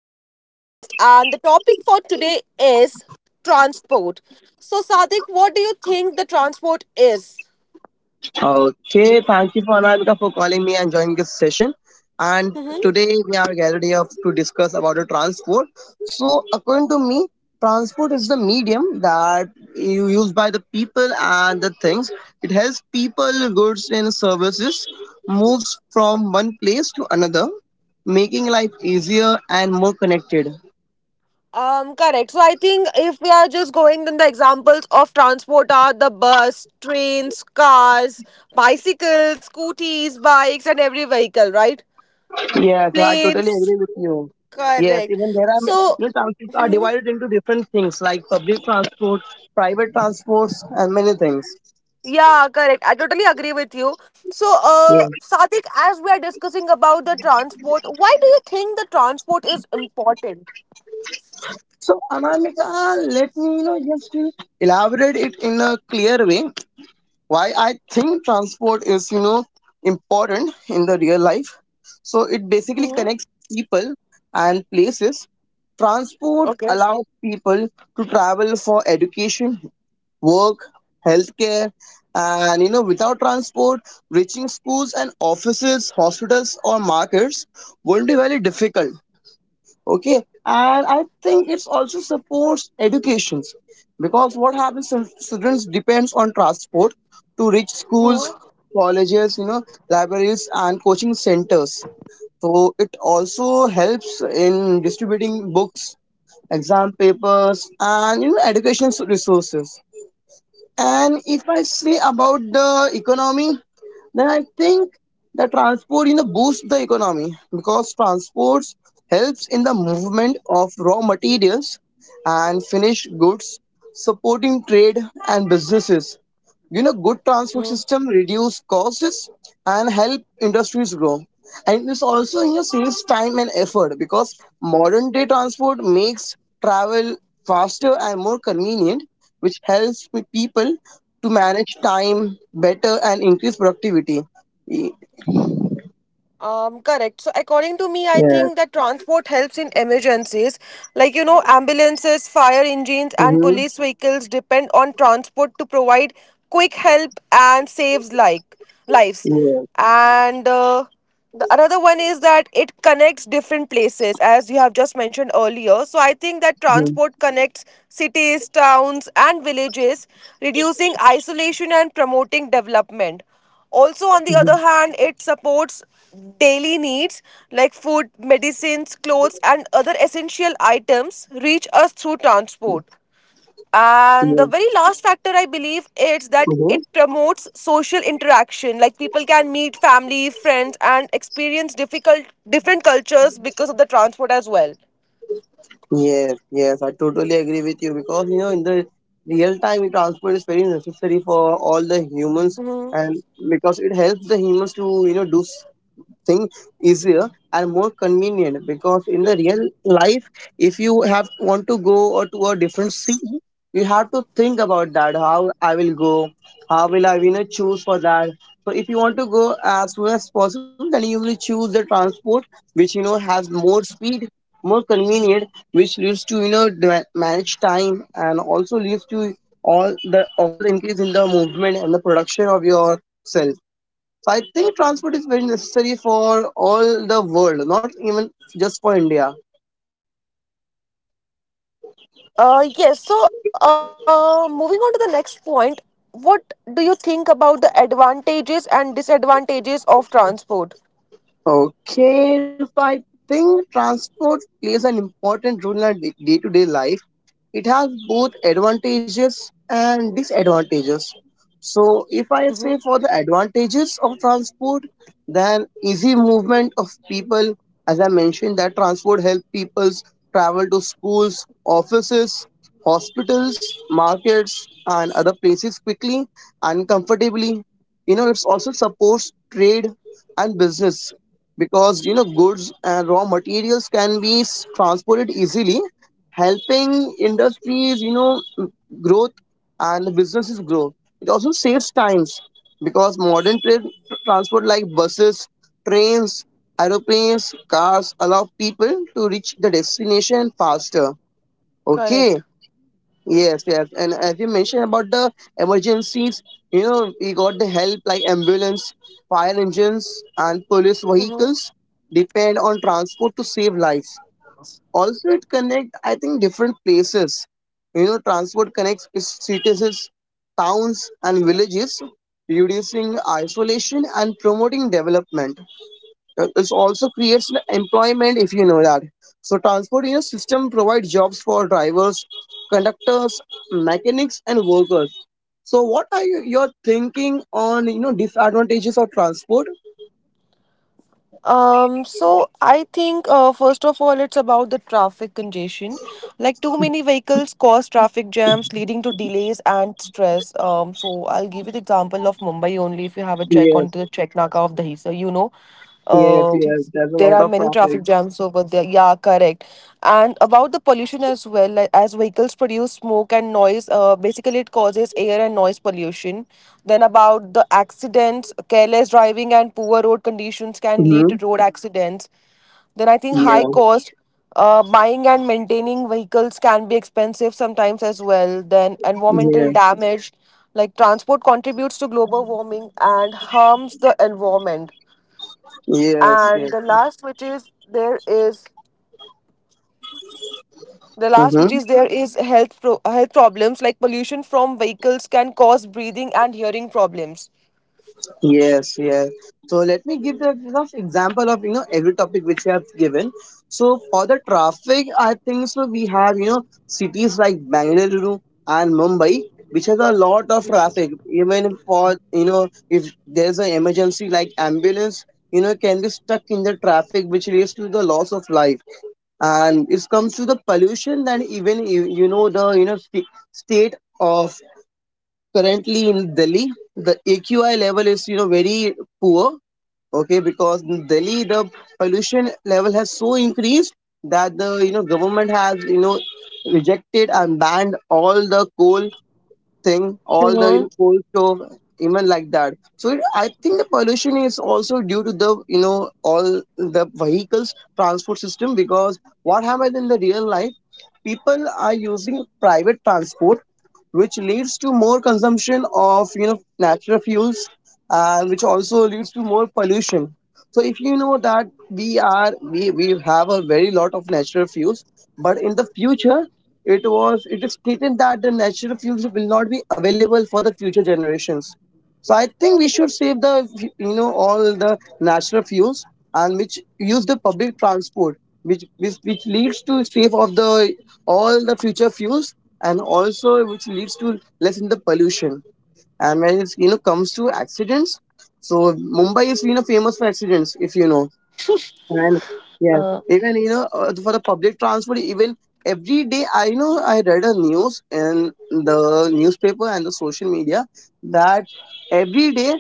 into the podcast. And the topic for today is transport. So, Sadik, what do you think the transport is? Okay, thank you for Anamika for calling me and joining this session. And Mm-hmm. today we are gathered here to discuss about the transport. So according to me, transport is the medium that you use by the people and the things. It helps people, goods and services moves from one place to another, making life easier and more connected. Correct. So, I think if we are just going, then the examples of transport are the bus, trains, cars, bicycles, scooties, bikes, and every vehicle, right? Yes, I totally Planes. agree with you. Yes, Correct. even there are you So, know, transports are divided into different things like public transport, private transports, and many things. yeah, correct. I totally agree with you. So, Yeah. Sadik, as we are discussing about the transport, why do you think the transport is important? So Anamika, let me you know just to elaborate it in a clear way why I think transport is you know important in the real life. So it basically Mm-hmm. connects people and places. Transport allows people to travel for education, work, healthcare, and you know, without transport, reaching schools and offices, hospitals, or markets will be very difficult. Okay, and I think it's also supports educations because what happens if students depends on transport to reach schools, colleges, you know, libraries and coaching centers. So it also helps in distributing books, exam papers, and you know, education resources. And if I say about the economy, then I think the transport you know boosts the economy because transports helps in the movement of raw materials and finished goods, supporting trade and businesses. You know, good transport Okay. system reduce costs and help industries grow, and it's also you know saves time and effort because modern day transport makes travel faster and more convenient, which helps with people to manage time better and increase productivity. Y- Correct. So, according to me, I Yeah, think that transport helps in emergencies. Like, you know, ambulances, fire engines, so and you, police vehicles depend on transport to provide quick help and saves like lives. yeah, And the another one is that it connects different places, as you have just mentioned earlier. So, I think that transport connects cities, towns, and villages, reducing isolation and promoting development. Also, on the you, other hand, it supports daily needs like food, medicines, clothes, and other essential items reach us through transport. And the you, very last factor I believe is that yeah. it promotes social interaction. Like, people can meet family, friends, and experience difficult different cultures because of the transport as well. Yes, yes, I totally agree with you because you know in the real time transport is very necessary for all the humans, and because it helps the humans to you know do thing easier and more convenient. Because in the real life, if you have want to go or to a different city, you have to think about that how I will go, how will I you know choose for that. So if you want to go as soon as possible, then you will choose the transport which you know has more speed, more convenient, which leads to you know manage time and also leads to all the increase in the movement and the production of your cell. So I think transport is very necessary for all the world, not even just for India. Uh, yes, so moving on to the next point, what do you think about the advantages and disadvantages of transport? Okay, so I think transport plays an important role in our day to day life. It has both advantages and disadvantages. So, if I say for the advantages of transport, then easy movement of people, as I mentioned, that transport help people travel to schools, offices, hospitals, markets, and other places quickly and comfortably. You know, it's also supports trade and business because you know goods and raw materials can be transported easily, helping industries, you know, growth and businesses grow. It also saves times because modern transport like buses, trains, aeroplanes, cars allow people to reach the destination faster. Okay. Correct. Yes, yes. And as you mentioned about the emergencies, you know, we got the help like ambulance, fire engines, and police Mm-hmm. vehicles depend on transport to save lives. Also it connect, I think, different places. You know, transport connects cities, towns and villages, reducing isolation and promoting development. It also creates employment, if you know that. So transport you know system provides jobs for drivers, conductors, mechanics and workers. So what are you, your thinking on you know disadvantages of transport? So I think, first of all, it's about the traffic congestion. Like, too many vehicles cause traffic jams, leading to delays and stress. So I'll give you the example of Mumbai only. If you have a check on Yes, to the Check Naga of Dahisar, you know, yes, yes, there's a there lot are of many traffic. traffic jams over there. Yeah, correct. And about the pollution as well, like, as vehicles produce smoke and noise, basically it causes air and noise pollution. Then about the accidents: careless driving and poor road conditions can lead Hmm. to road accidents. Then I think high Yeah. cost: buying and maintaining vehicles can be expensive sometimes as well. Then Yeah. environmental damage, like transport contributes to global warming and harms the environment. Yes, And yes. the last, which is there is Mm-hmm. Health health problems, like pollution from vehicles can cause breathing and hearing problems. Yes, yes. So let me give the rough example of you know every topic which you have given. So for the traffic, I think so we have you know cities like Bangalore and Mumbai, which has a lot of traffic. Even for you know if there's an emergency like ambulance, you know can be stuck in the traffic, which leads to the loss of life. And it comes to the pollution, then even you you know the you know state of currently in Delhi, the AQI level is you know very poor. Okay, because in Delhi the pollution level has so increased that the you know government has you know rejected and banned all the coal thing, all the you know, Mm-hmm. coal stove, even like that. So it, I think the pollution is also due to the you know all the vehicles transport system because what happens in the real life, people are using private transport which leads to more consumption of you know natural fuels and which also leads to more pollution. So if you know that we have a very lot of natural fuels, but in the future it was it is stated that the natural fuels will not be available for the future generations. So I think we should save the you know all the natural fuels and which use the public transport, which which leads to save of the all the future fuels and also which leads to less in the pollution. And when it's you know comes to accidents, so Mumbai is you know famous for accidents, if you know. And yeah, Uh, even you know for the public transport, even every day I know I read a news in the newspaper and the social media that every day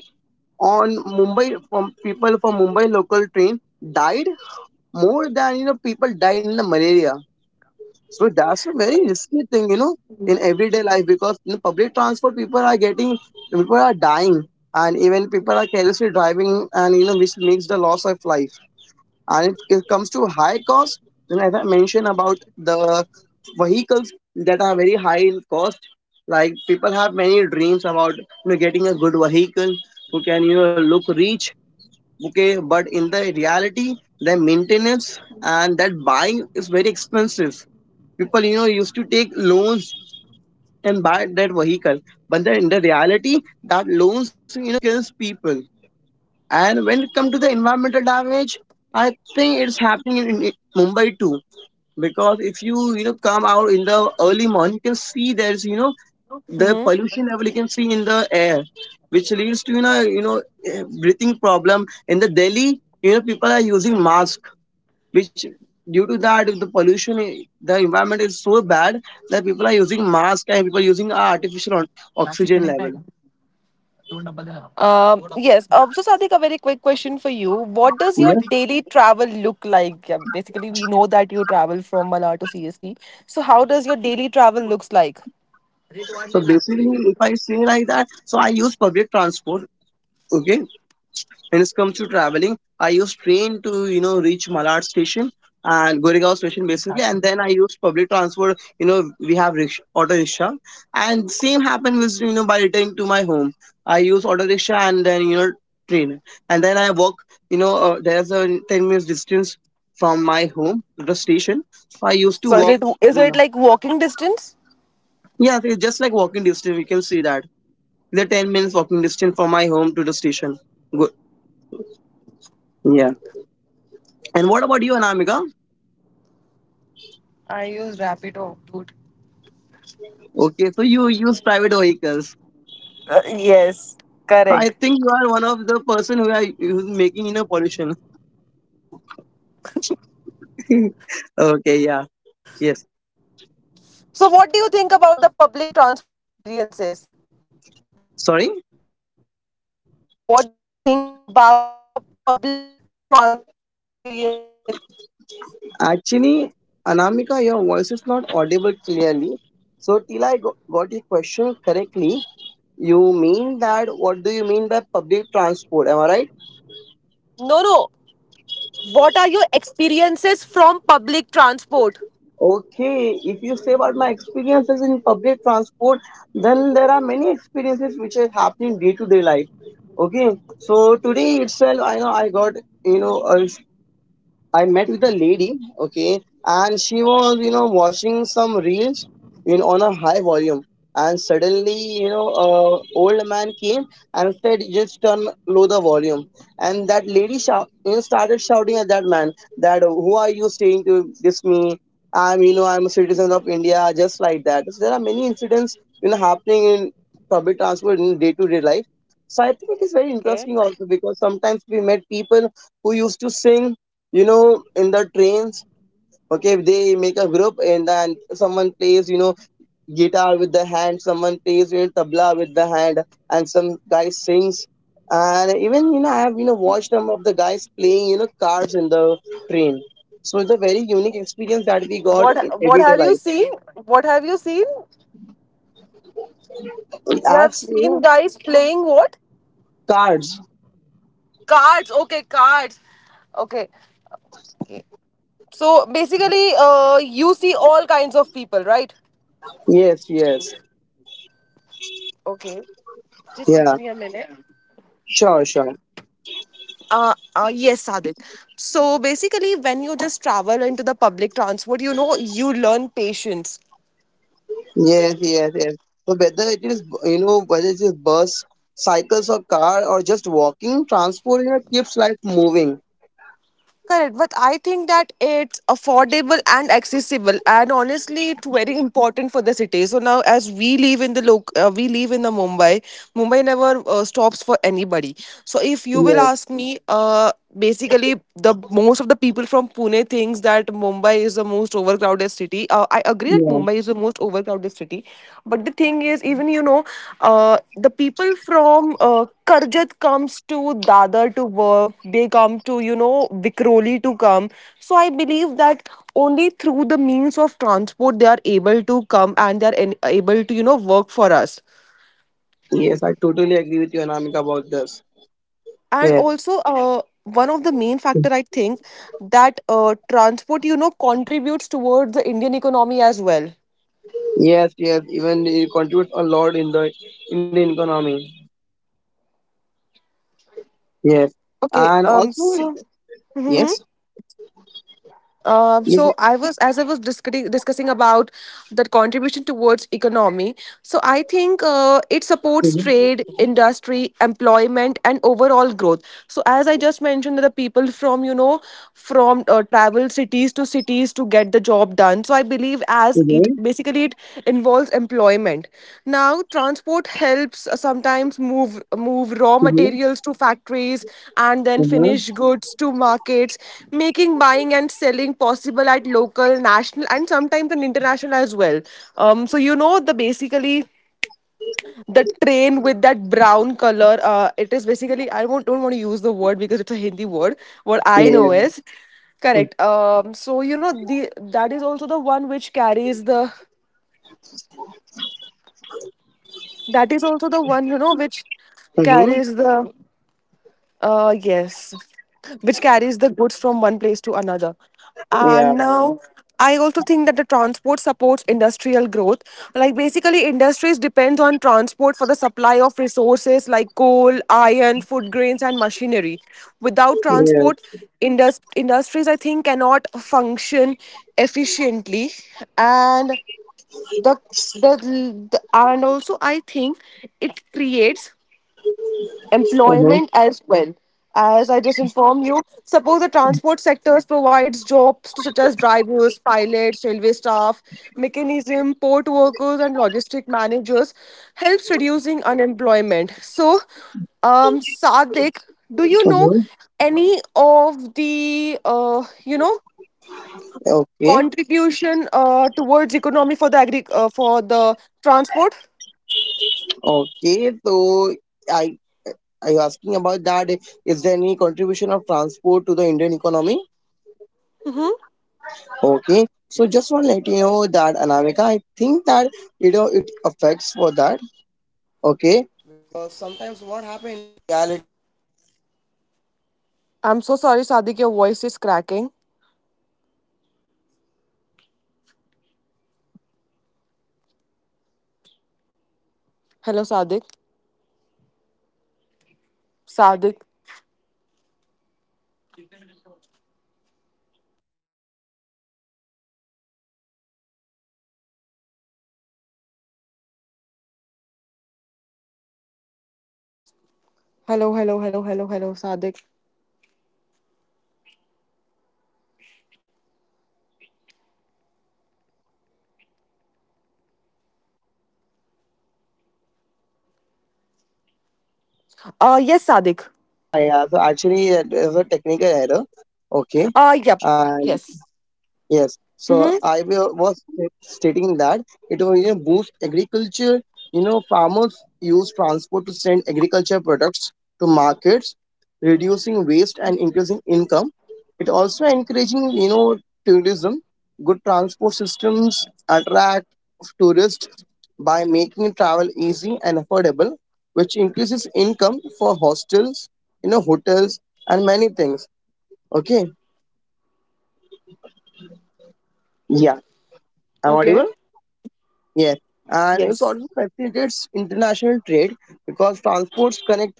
on Mumbai, from people from Mumbai local train died more than you know people died in the malaria. So that's a very risky thing, you know, in everyday life, because in public transport people are getting, people are dying, and even people are carelessly driving and you know which makes the loss of life. And if it comes to high cost, then as I mentioned about the vehicles that are very high in cost, like people have many dreams about you know getting a good vehicle who can you know look rich, okay, but in the reality the maintenance and that buying is very expensive. People you know used to take loans and buy that vehicle, but then in the reality that loans you know kills people. And when it comes to the environmental damage, I think it's happening in Mumbai too, because if you you know come out in the early morning you can see there's you know the mm-hmm. pollution level you can see in the air, which leads to you know breathing problem. In the Delhi, you know, people are using masks, which due to that the pollution, the environment is so bad that people are using mask and people are using artificial oxygen level. Yes, so Sadik, a very quick question for you: what does your Yes, daily travel look like? Yeah, basically we know that you travel from Malar to CST, so how does your daily travel looks like? so basically if I say like that, so I use public transport. Okay. When it comes to traveling, I use train to you know reach Malad station and Goregaon station basically, and then I use public transport. You know we have rickshaw, auto rickshaw, and same happened with you know by returning to my home. I use auto rickshaw and then you know train, and then I walk. You know there's a 10 minutes distance from my home to the station, so I used So to is it, walk. You know, like walking distance? yeah, it's just like walking distance. We can see that the 10 minutes walking distance from my home to the station. Good. Yeah. And what about you, Anamika? I use Rapido, dude. Okay, so you use private vehicles. Uh, yes, So I correct. think you are one of the person who are who's making you know pollution. Okay, yeah, Uh, yes. So, what do you think about the public transport experiences? Sorry, What do you think about the public transport experiences? actually, Anamika, your voice is not audible clearly. So till I got your question correctly, you mean that what do you mean by public transport? Am I right? No, no. What are your experiences from public transport? Okay, if you say about my experiences in public transport, then there are many experiences which are happening day to day life. Okay, so today itself, I know I got you know a, I met with a lady, okay, and she was, you know, watching some reels in on a high volume. And suddenly, you know, a old man came and said, "Just turn low the volume." And that lady shout, you know, started shouting at that man that, "Who are you saying to this me? I'm, you know, I'm a citizen of India." Just like that. So there are many incidents, you know, happening in public transport in day-to-day life. So I think it is very interesting Okay. also because sometimes we met people who used to sing you know in the trains. Okay, they make a group and then someone plays you know guitar with the hand, someone plays you know tabla with the hand, and some guy sings. And even you know I have you know watched some of the guys playing you know cards in the train. So it's a very unique experience that we got What in everyday have you life. seen? What have you seen? I You have have seen seen guys playing what? cards. Cards. Okay, cards. Okay. Okay. So basically, you see all kinds of people, right? Yes, yes. Okay. Just Yeah, give me a minute. sure, sure. Yes, Sadik. So basically, when you just travel into the public transport, you know, you learn patience. Yes, yes, yes. So whether it is bus, cycles or car or just walking, transport, keeps life moving. Correct. But I think that it's affordable and accessible, and honestly, it's very important for the city. So now, as we live in the loc, we live in the Mumbai. Mumbai never stops for anybody. So if you will Yes, ask me, basically, the most of the people from Pune thinks that Mumbai is the most overcrowded city. I agree that yeah. Mumbai is the most overcrowded city, but the thing is, even you know, the people from Karjat comes to Dadar to work. They come to you know Vikroli to come. So I believe that only through the means of transport they are able to come and they are able to you know work for us. Yes, I totally agree with you, Anamika, about this. And Yes, also, one of the main factor I think that transport you know contributes towards the Indian economy as well. yes, yes. Even it contributes a lot in the Indian economy. Yes. Okay. And also, So. Mhm. yes, So yes. I was, as I was discussing about that contribution towards economy. So I think it supports Mm-hmm. trade, industry, employment, and overall growth. So as I just mentioned, that the people from you know from travel cities to cities to get the job done. So I believe as Mm-hmm. It involves employment. Now transport helps, sometimes move raw materials to factories and then Mm-hmm. Mm-hmm. finished goods to markets, making buying and selling possible at local, national, and sometimes an international as well. Um, so you know, the basically the train with that brown color, it is basically, I won't, don't want to use the word because it's a Hindi word. What I Yeah. know is correct. Um so you know the that is also the one which carries the That is also the one, you know, which Mm-hmm. carries the yes, which carries the goods from one place to another. Yeah. And now I also think that the transport supports industrial growth. Like, basically industries depends on transport for the supply of resources like coal, iron, food grains, and machinery. Without Yes. transport, industries I think cannot function efficiently. And the, the and also I think it creates Mm-hmm. employment as well. As I just informed you, suppose the transport sectors provides jobs to such as drivers, pilots, railway staff, mechanism, port workers, and logistic managers. Helps reducing unemployment. So Sadik, do you know Mm-hmm. any of the Okay. contribution towards economy for the for the transport? Okay. So, I. Are you asking about that? Is there any contribution of transport to the Indian economy? Mm-hmm. Okay. So just want to let you know that, Anamika, I think that it affects for that. Okay. Some. I'm so sorry, Sadik. Your voice is cracking. Hello, Sadik. Sadik. Hello, hello, hello, hello, hello, Sadik. Yes, Sadik. Actually, it is a technical error. Okay. Yep. And Yes. yes, so Mm-hmm. Was stating that it will, boost agriculture. Farmers use transport to send agriculture products to markets, reducing waste and increasing income. It also encouraging tourism. Good transport systems attract tourists by making travel easy and affordable, which increases income for hostels, hotels and many things. Okay, yeah, I'm audible. Okay. Yeah, and it Yes. also facilitates international trade because transports connect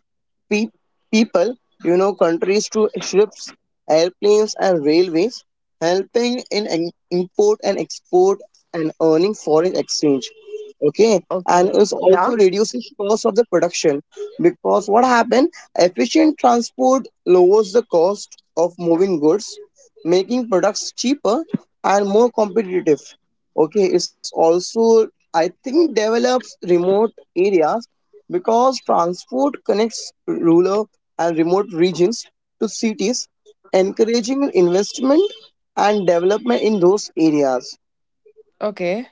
pe- people, countries to ships, airplanes, and railways, helping in import and export and earning foreign exchange. Okay, and is Okay. also Yeah. reduces cost of the production. Because what happened? Efficient transport lowers the cost of moving goods, making products cheaper and more competitive. Okay, it's also, I think, develops remote areas because transport connects rural and remote regions to cities, encouraging investment and development in those areas. Okay.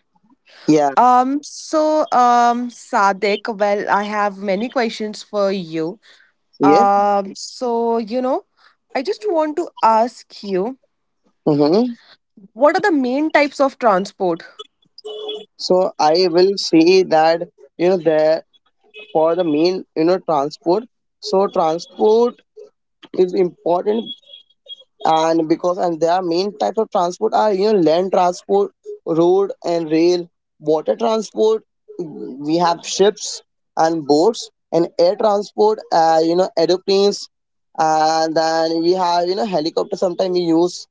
Yeah, So, Sadik. Well, I have many questions for you. yeah. So, you know, I just want to ask you, Hmm. what are the main types of transport? So I will say that, there for the main, transport. So transport is important, and because and their main types of transport are, land transport, road and rail; water transport, we have ships and boats; and air transport, aeroplanes; and then we have, helicopter sometimes we use,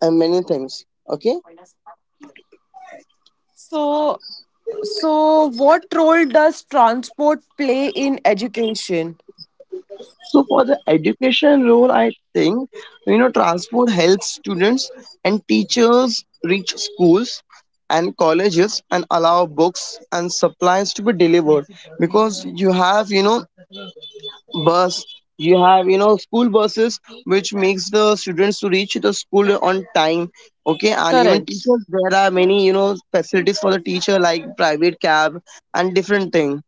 and many things. Okay. So. So, what role does transport play in education? So for the education role, I think, transport helps students and teachers reach schools and colleges and allow books and supplies to be delivered, because you have, bus, you have, school buses, which makes the students to reach the school on time. Okay, and even Correct. teachers, there are many, facilities for the teacher, like private cab and different thing.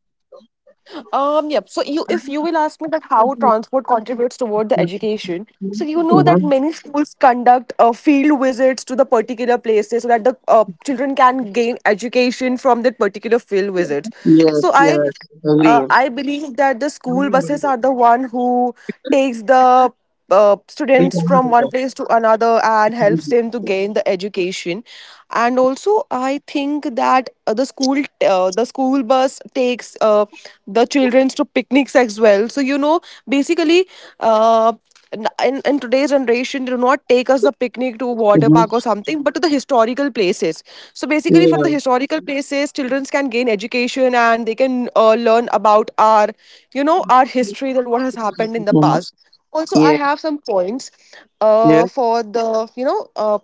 Yep. So, you if you will ask me that how transport contributes toward the education, so you know that Mhm. many schools conduct field visits to the particular places so that the children can gain education from that particular field visit. Yes, So, yes. I believe that the school buses are the one who takes the Agree. students from one place to another and helps them to gain the education. And also I think that, the school bus takes, the children to picnics as well. So you know, basically, uh, in, today's generation they do not take us the picnic to water park or Hmm. something, but to the historical places. So basically from the Yeah. historical places children can gain education and they can learn about our you know our history, that what has happened in the Yeah. past. Also I Yeah. have some points Yeah. For the you know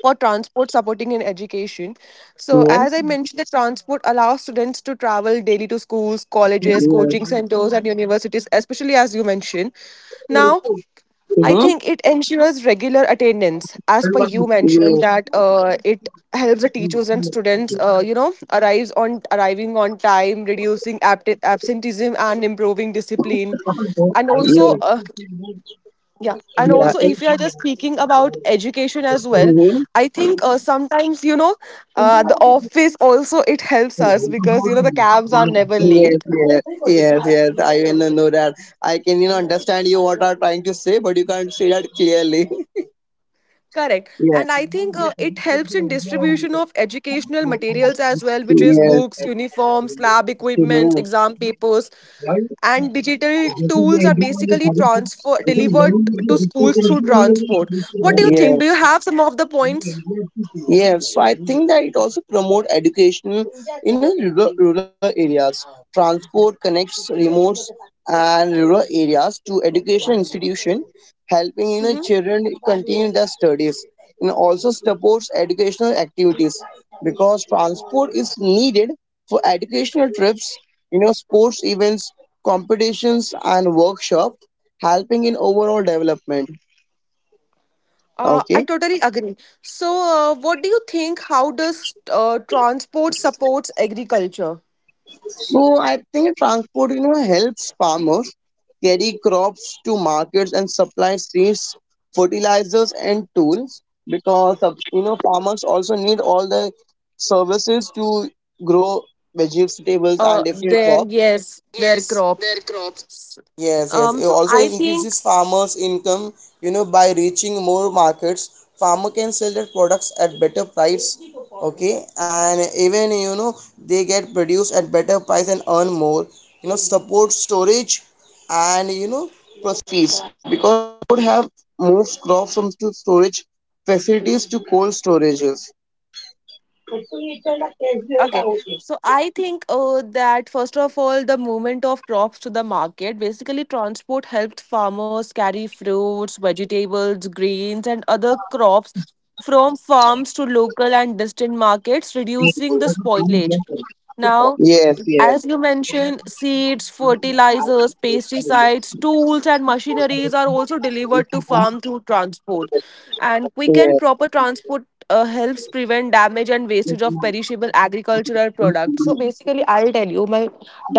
for transport supporting in education. So Yeah. as I mentioned, the transport allows students to travel daily to schools, Yes. colleges, coaching centers, and universities, especially as you mentioned. Now Mm-hmm. I Yeah. Yeah. think it ensures regular attendance, as per you mentioned Yeah. that it helps the teachers and students you know arrives on arriving on time, reducing absenteeism and improving discipline. And also yeah, and also if we are just speaking about education as well, I think, sometimes you know, the office also it helps us because you know the Mm-hmm. cabs are never Yes, late. yes, yes, yes. I will know that. I can, understand you what are trying to say, but you can't say that clearly. Correct, Yeah. and I think it helps in distribution of educational materials as well, which is books, Yes. uniforms, lab equipment, exam papers, Mm-hmm. and digital tools are basically transfer delivered to schools through transport. What do you think? Do you have some of the points? Yes, so I think that it also promote education in a rural areas. Transport connects remote and rural areas to education institution, helping, Mm-hmm. children continue their studies. And also supports educational activities because transport is needed for educational trips, sports events, competitions, and workshop, helping in overall development. I Okay. totally agree. So, what do you think? How does transport supports agriculture? So I think transport, helps farmers carry crops to markets and supply seeds, fertilizers and tools, because of, farmers also need all the services to grow vegetables and different their, crops. yes, their crops. S- so I think, Footages. okay, so I think that first of all, the movement of crops to the market: basically transport helped farmers carry fruits, vegetables, grains, and other crops from farms to local and distant markets, reducing the spoilage. Now, Yes, yes, as you mentioned, seeds, fertilizers, pesticides, tools, and machineries are also delivered to farm through transport. And yes, quick and proper transport, helps prevent damage and wastage of perishable agricultural products. So basically, I'll tell you, my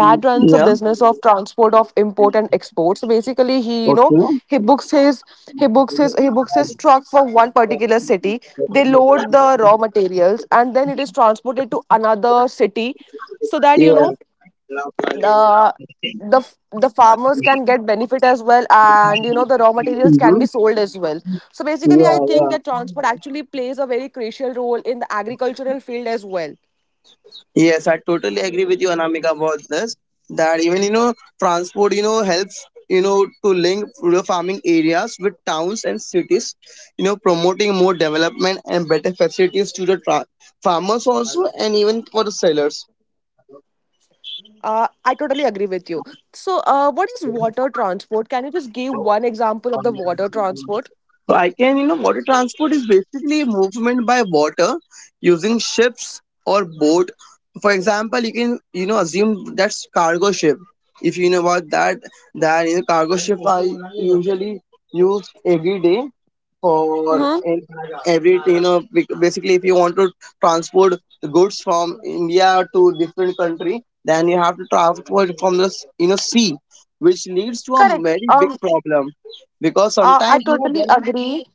dad yeah. runs a business of transport of import and export. So basically, he you Okay. know he books his he books his truck for one particular city. They load the raw materials and then it is transported to another city so that Yeah. The the f- the farmers can get benefit as well, and you know the raw materials can Hmm. be sold as well. So basically, I Yeah, think that yeah. transport actually plays a very crucial role in the agricultural field as well. Yes, I totally agree with you, Anamika, about this. That even, transport, helps, to link rural farming areas with towns and cities. Promoting more development and better facilities to the farmers also, and even for the sellers. I totally agree with you. So what is water transport? Can you just give one example of the water transport? So I can, you know, water transport is basically a movement by water using ships or boat. For example, you can, assume that's cargo ship. If you know about that, then, cargo ship are usually used every day for hmm every, you know, bec- basically, if you want to transport goods from India to different country, then you have to transport from the, sea, which leads to a Correct. very big um problem because I sometimes totally there. agree.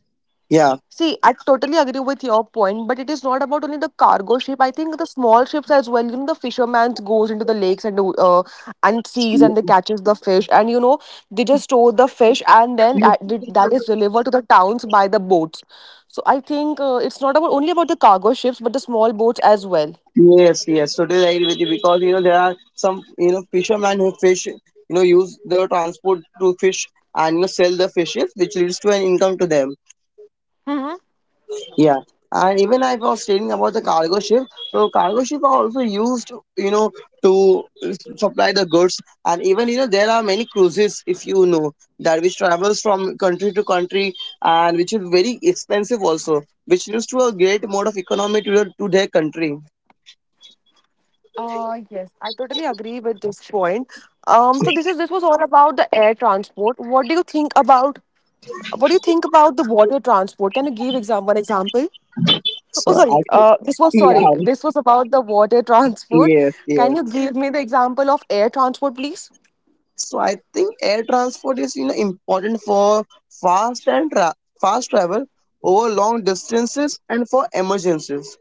Yeah. See, I totally agree with your point, but it is not about only the cargo ship. I think the small ships as well. You know, the fisherman goes into the lakes and seas, Y- and they catches the fish, and you know they just store the fish, and then that is delivered to the towns by the boats. So I think it's not about only about the cargo ships, but the small boats as well. Yes, yes. So, totally agree with you because there are some, fishermen who fish, use the transport to fish and sell the fishes, which leads to an income to them. Mm-hmm. Yeah. And even I was stating about the cargo ship. So cargo ship are also used, you know, to supply the goods. And even there are many cruises, if you know, that which travels from country to country, and which is very expensive also, which leads to a great mode of economy to, to their country. Yes, I totally agree with this point. So this was all about the air transport. What do you think about the water transport? Can you give exam one example? Oh, So sorry. I think, yeah, This was about the water transport. yes, Can you yes. give me the example of air transport, please? So I think air transport is, important for fast and tra- fast travel over long distances and for emergencies.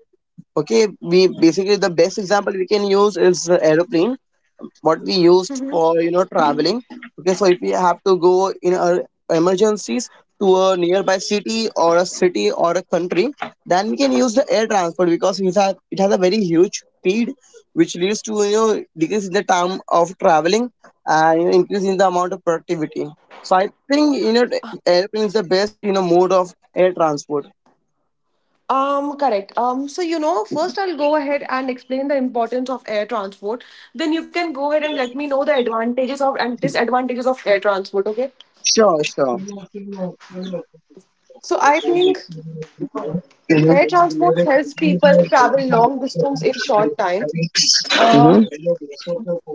Okay, we basically the best example we can use is the aeroplane what we used for, traveling. Okay, so if we have to go in our emergencies to a nearby city or a country, then we can use the air transport because it has a very huge speed, which leads to, decrease in the time of traveling and, increase in the amount of productivity. So I think, airplane is the best, mode of air transport. Correct. So you know, first I'll go ahead and explain the importance of air transport. Then you can go ahead and let me know the advantages of and disadvantages of air transport. Okay. Sure, sure. So I think Mhm. air Mhm. transport helps people travel long distance in short time. Uh,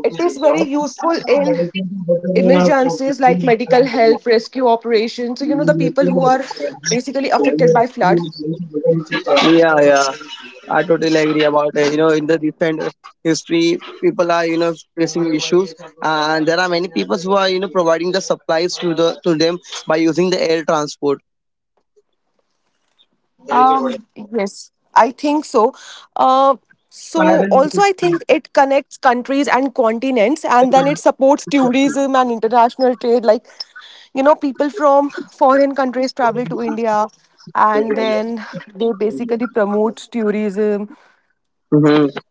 it is very useful in emergencies like medical help, rescue operations. So, you know, the people who are basically affected by flood. Yeah, yeah. I totally agree about it. In the recent history, people are, facing issues, and there are many people who are, providing the supplies to them by using the air transport. Yes, I think so. Uh, so Silent also I treatment. think it connects countries and continents, and then it supports tourism and international trade, like you know people from foreign countries travel to India and वगैरह। then they basically promote tourism,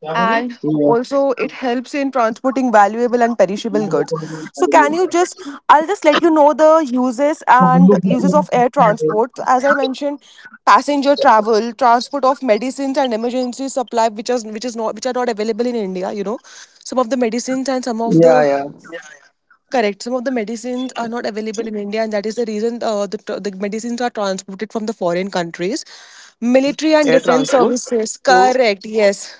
Mm-hmm. and क्या बोले? also it Yeah. helps in transporting valuable and perishable goods. So can you just, I'll just let you know the uses and uses तो of वो लोग air जैसे transport. So, अच्छा है as I बोल। mentioned, passenger travel, transport of medicines and emergency supply, which is not which are not available in India. You know, some of the medicines and some of the Yeah, yeah. correct some of the medicines are not available in India, and that is the reason Okay. The And medicines are let me just help transported you from the with the foreign advantages countries. of and Military disadvantages and of defense air services, transport. correct, So yes.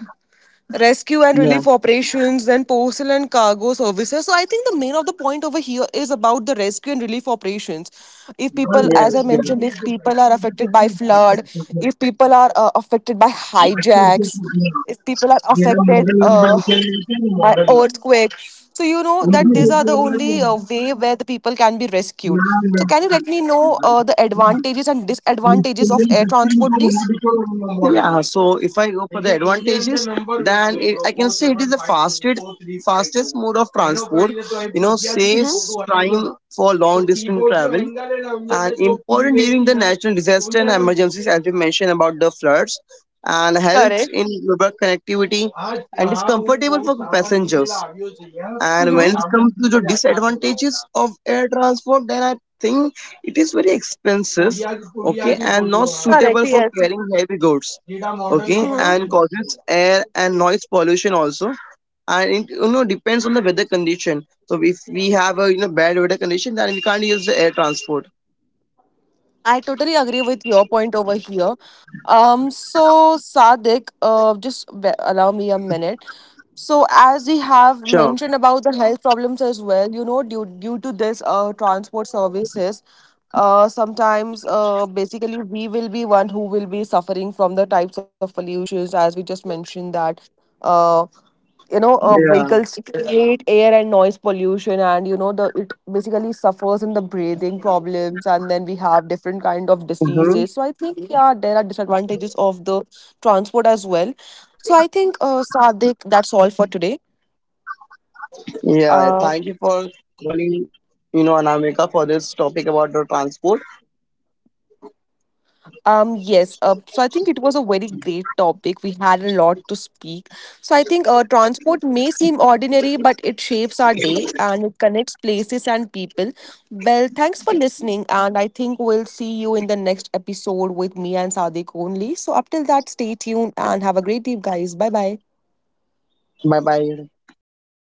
Rescue and relief yeah. operations, then postal and cargo services. So I think the main of the point over here is about the rescue and relief operations. If और ये people, Yes. as I जो Yeah. है, mentioned, ये if जो bike people का are जो जो affected अपनी by bike है, flood, जो जो if people are affected by bike का जो hijacks, होती है, if people are मेरा affected मॉडल नंबर लिखे रहते हैं, by model number. earthquake, so you know उनकी that जो these are the जो है वो only way where the people can be rescued. नाम है, So can you let me know the advantages and disadvantages of air transport, please? Yeah, so if I go for the advantages, then I can say it is the fastest mode of transport. Mm-hmm. Saves time for long distance travel and important during the natural disaster and emergencies, as we mentioned about the floods, and helps Correct. in global connectivity and is comfortable for passengers. And when Mm-hmm. it comes to the disadvantages of air transport, then I think it is very expensive, okay, and not Correct. suitable for Yes. carrying heavy goods, okay, and causes air and noise pollution also. And it, depends on the weather condition. So if we have a, bad weather condition, then we can't use the air transport. I totally agree with your point over here. So Sadik, just be- allow me a minute. So Sure. as we have mentioned about the health problems as well, you know, due to this transport services, sometimes basically we will be one who will be suffering from the types of pollutions as we just mentioned that. Uh, you know Yeah. vehicles create air and noise pollution, and you know the it basically suffers in the breathing problems and then we have different kind of Mm-hmm. diseases. So I think yeah, there are disadvantages of the transport as well. So I think Sadik, that's all for today. Yeah. uh, Thank you for calling, Anamika, for this topic about the transport. Yes. So I think it was a very great topic. We had a lot to speak. So I think transport may seem ordinary, but it shapes our day, and it connects places and people. Well, thanks for listening. And I think we'll see you in the next episode with me and Sadiq only. So up till that, stay tuned and have a great day, guys. Bye bye. Bye bye.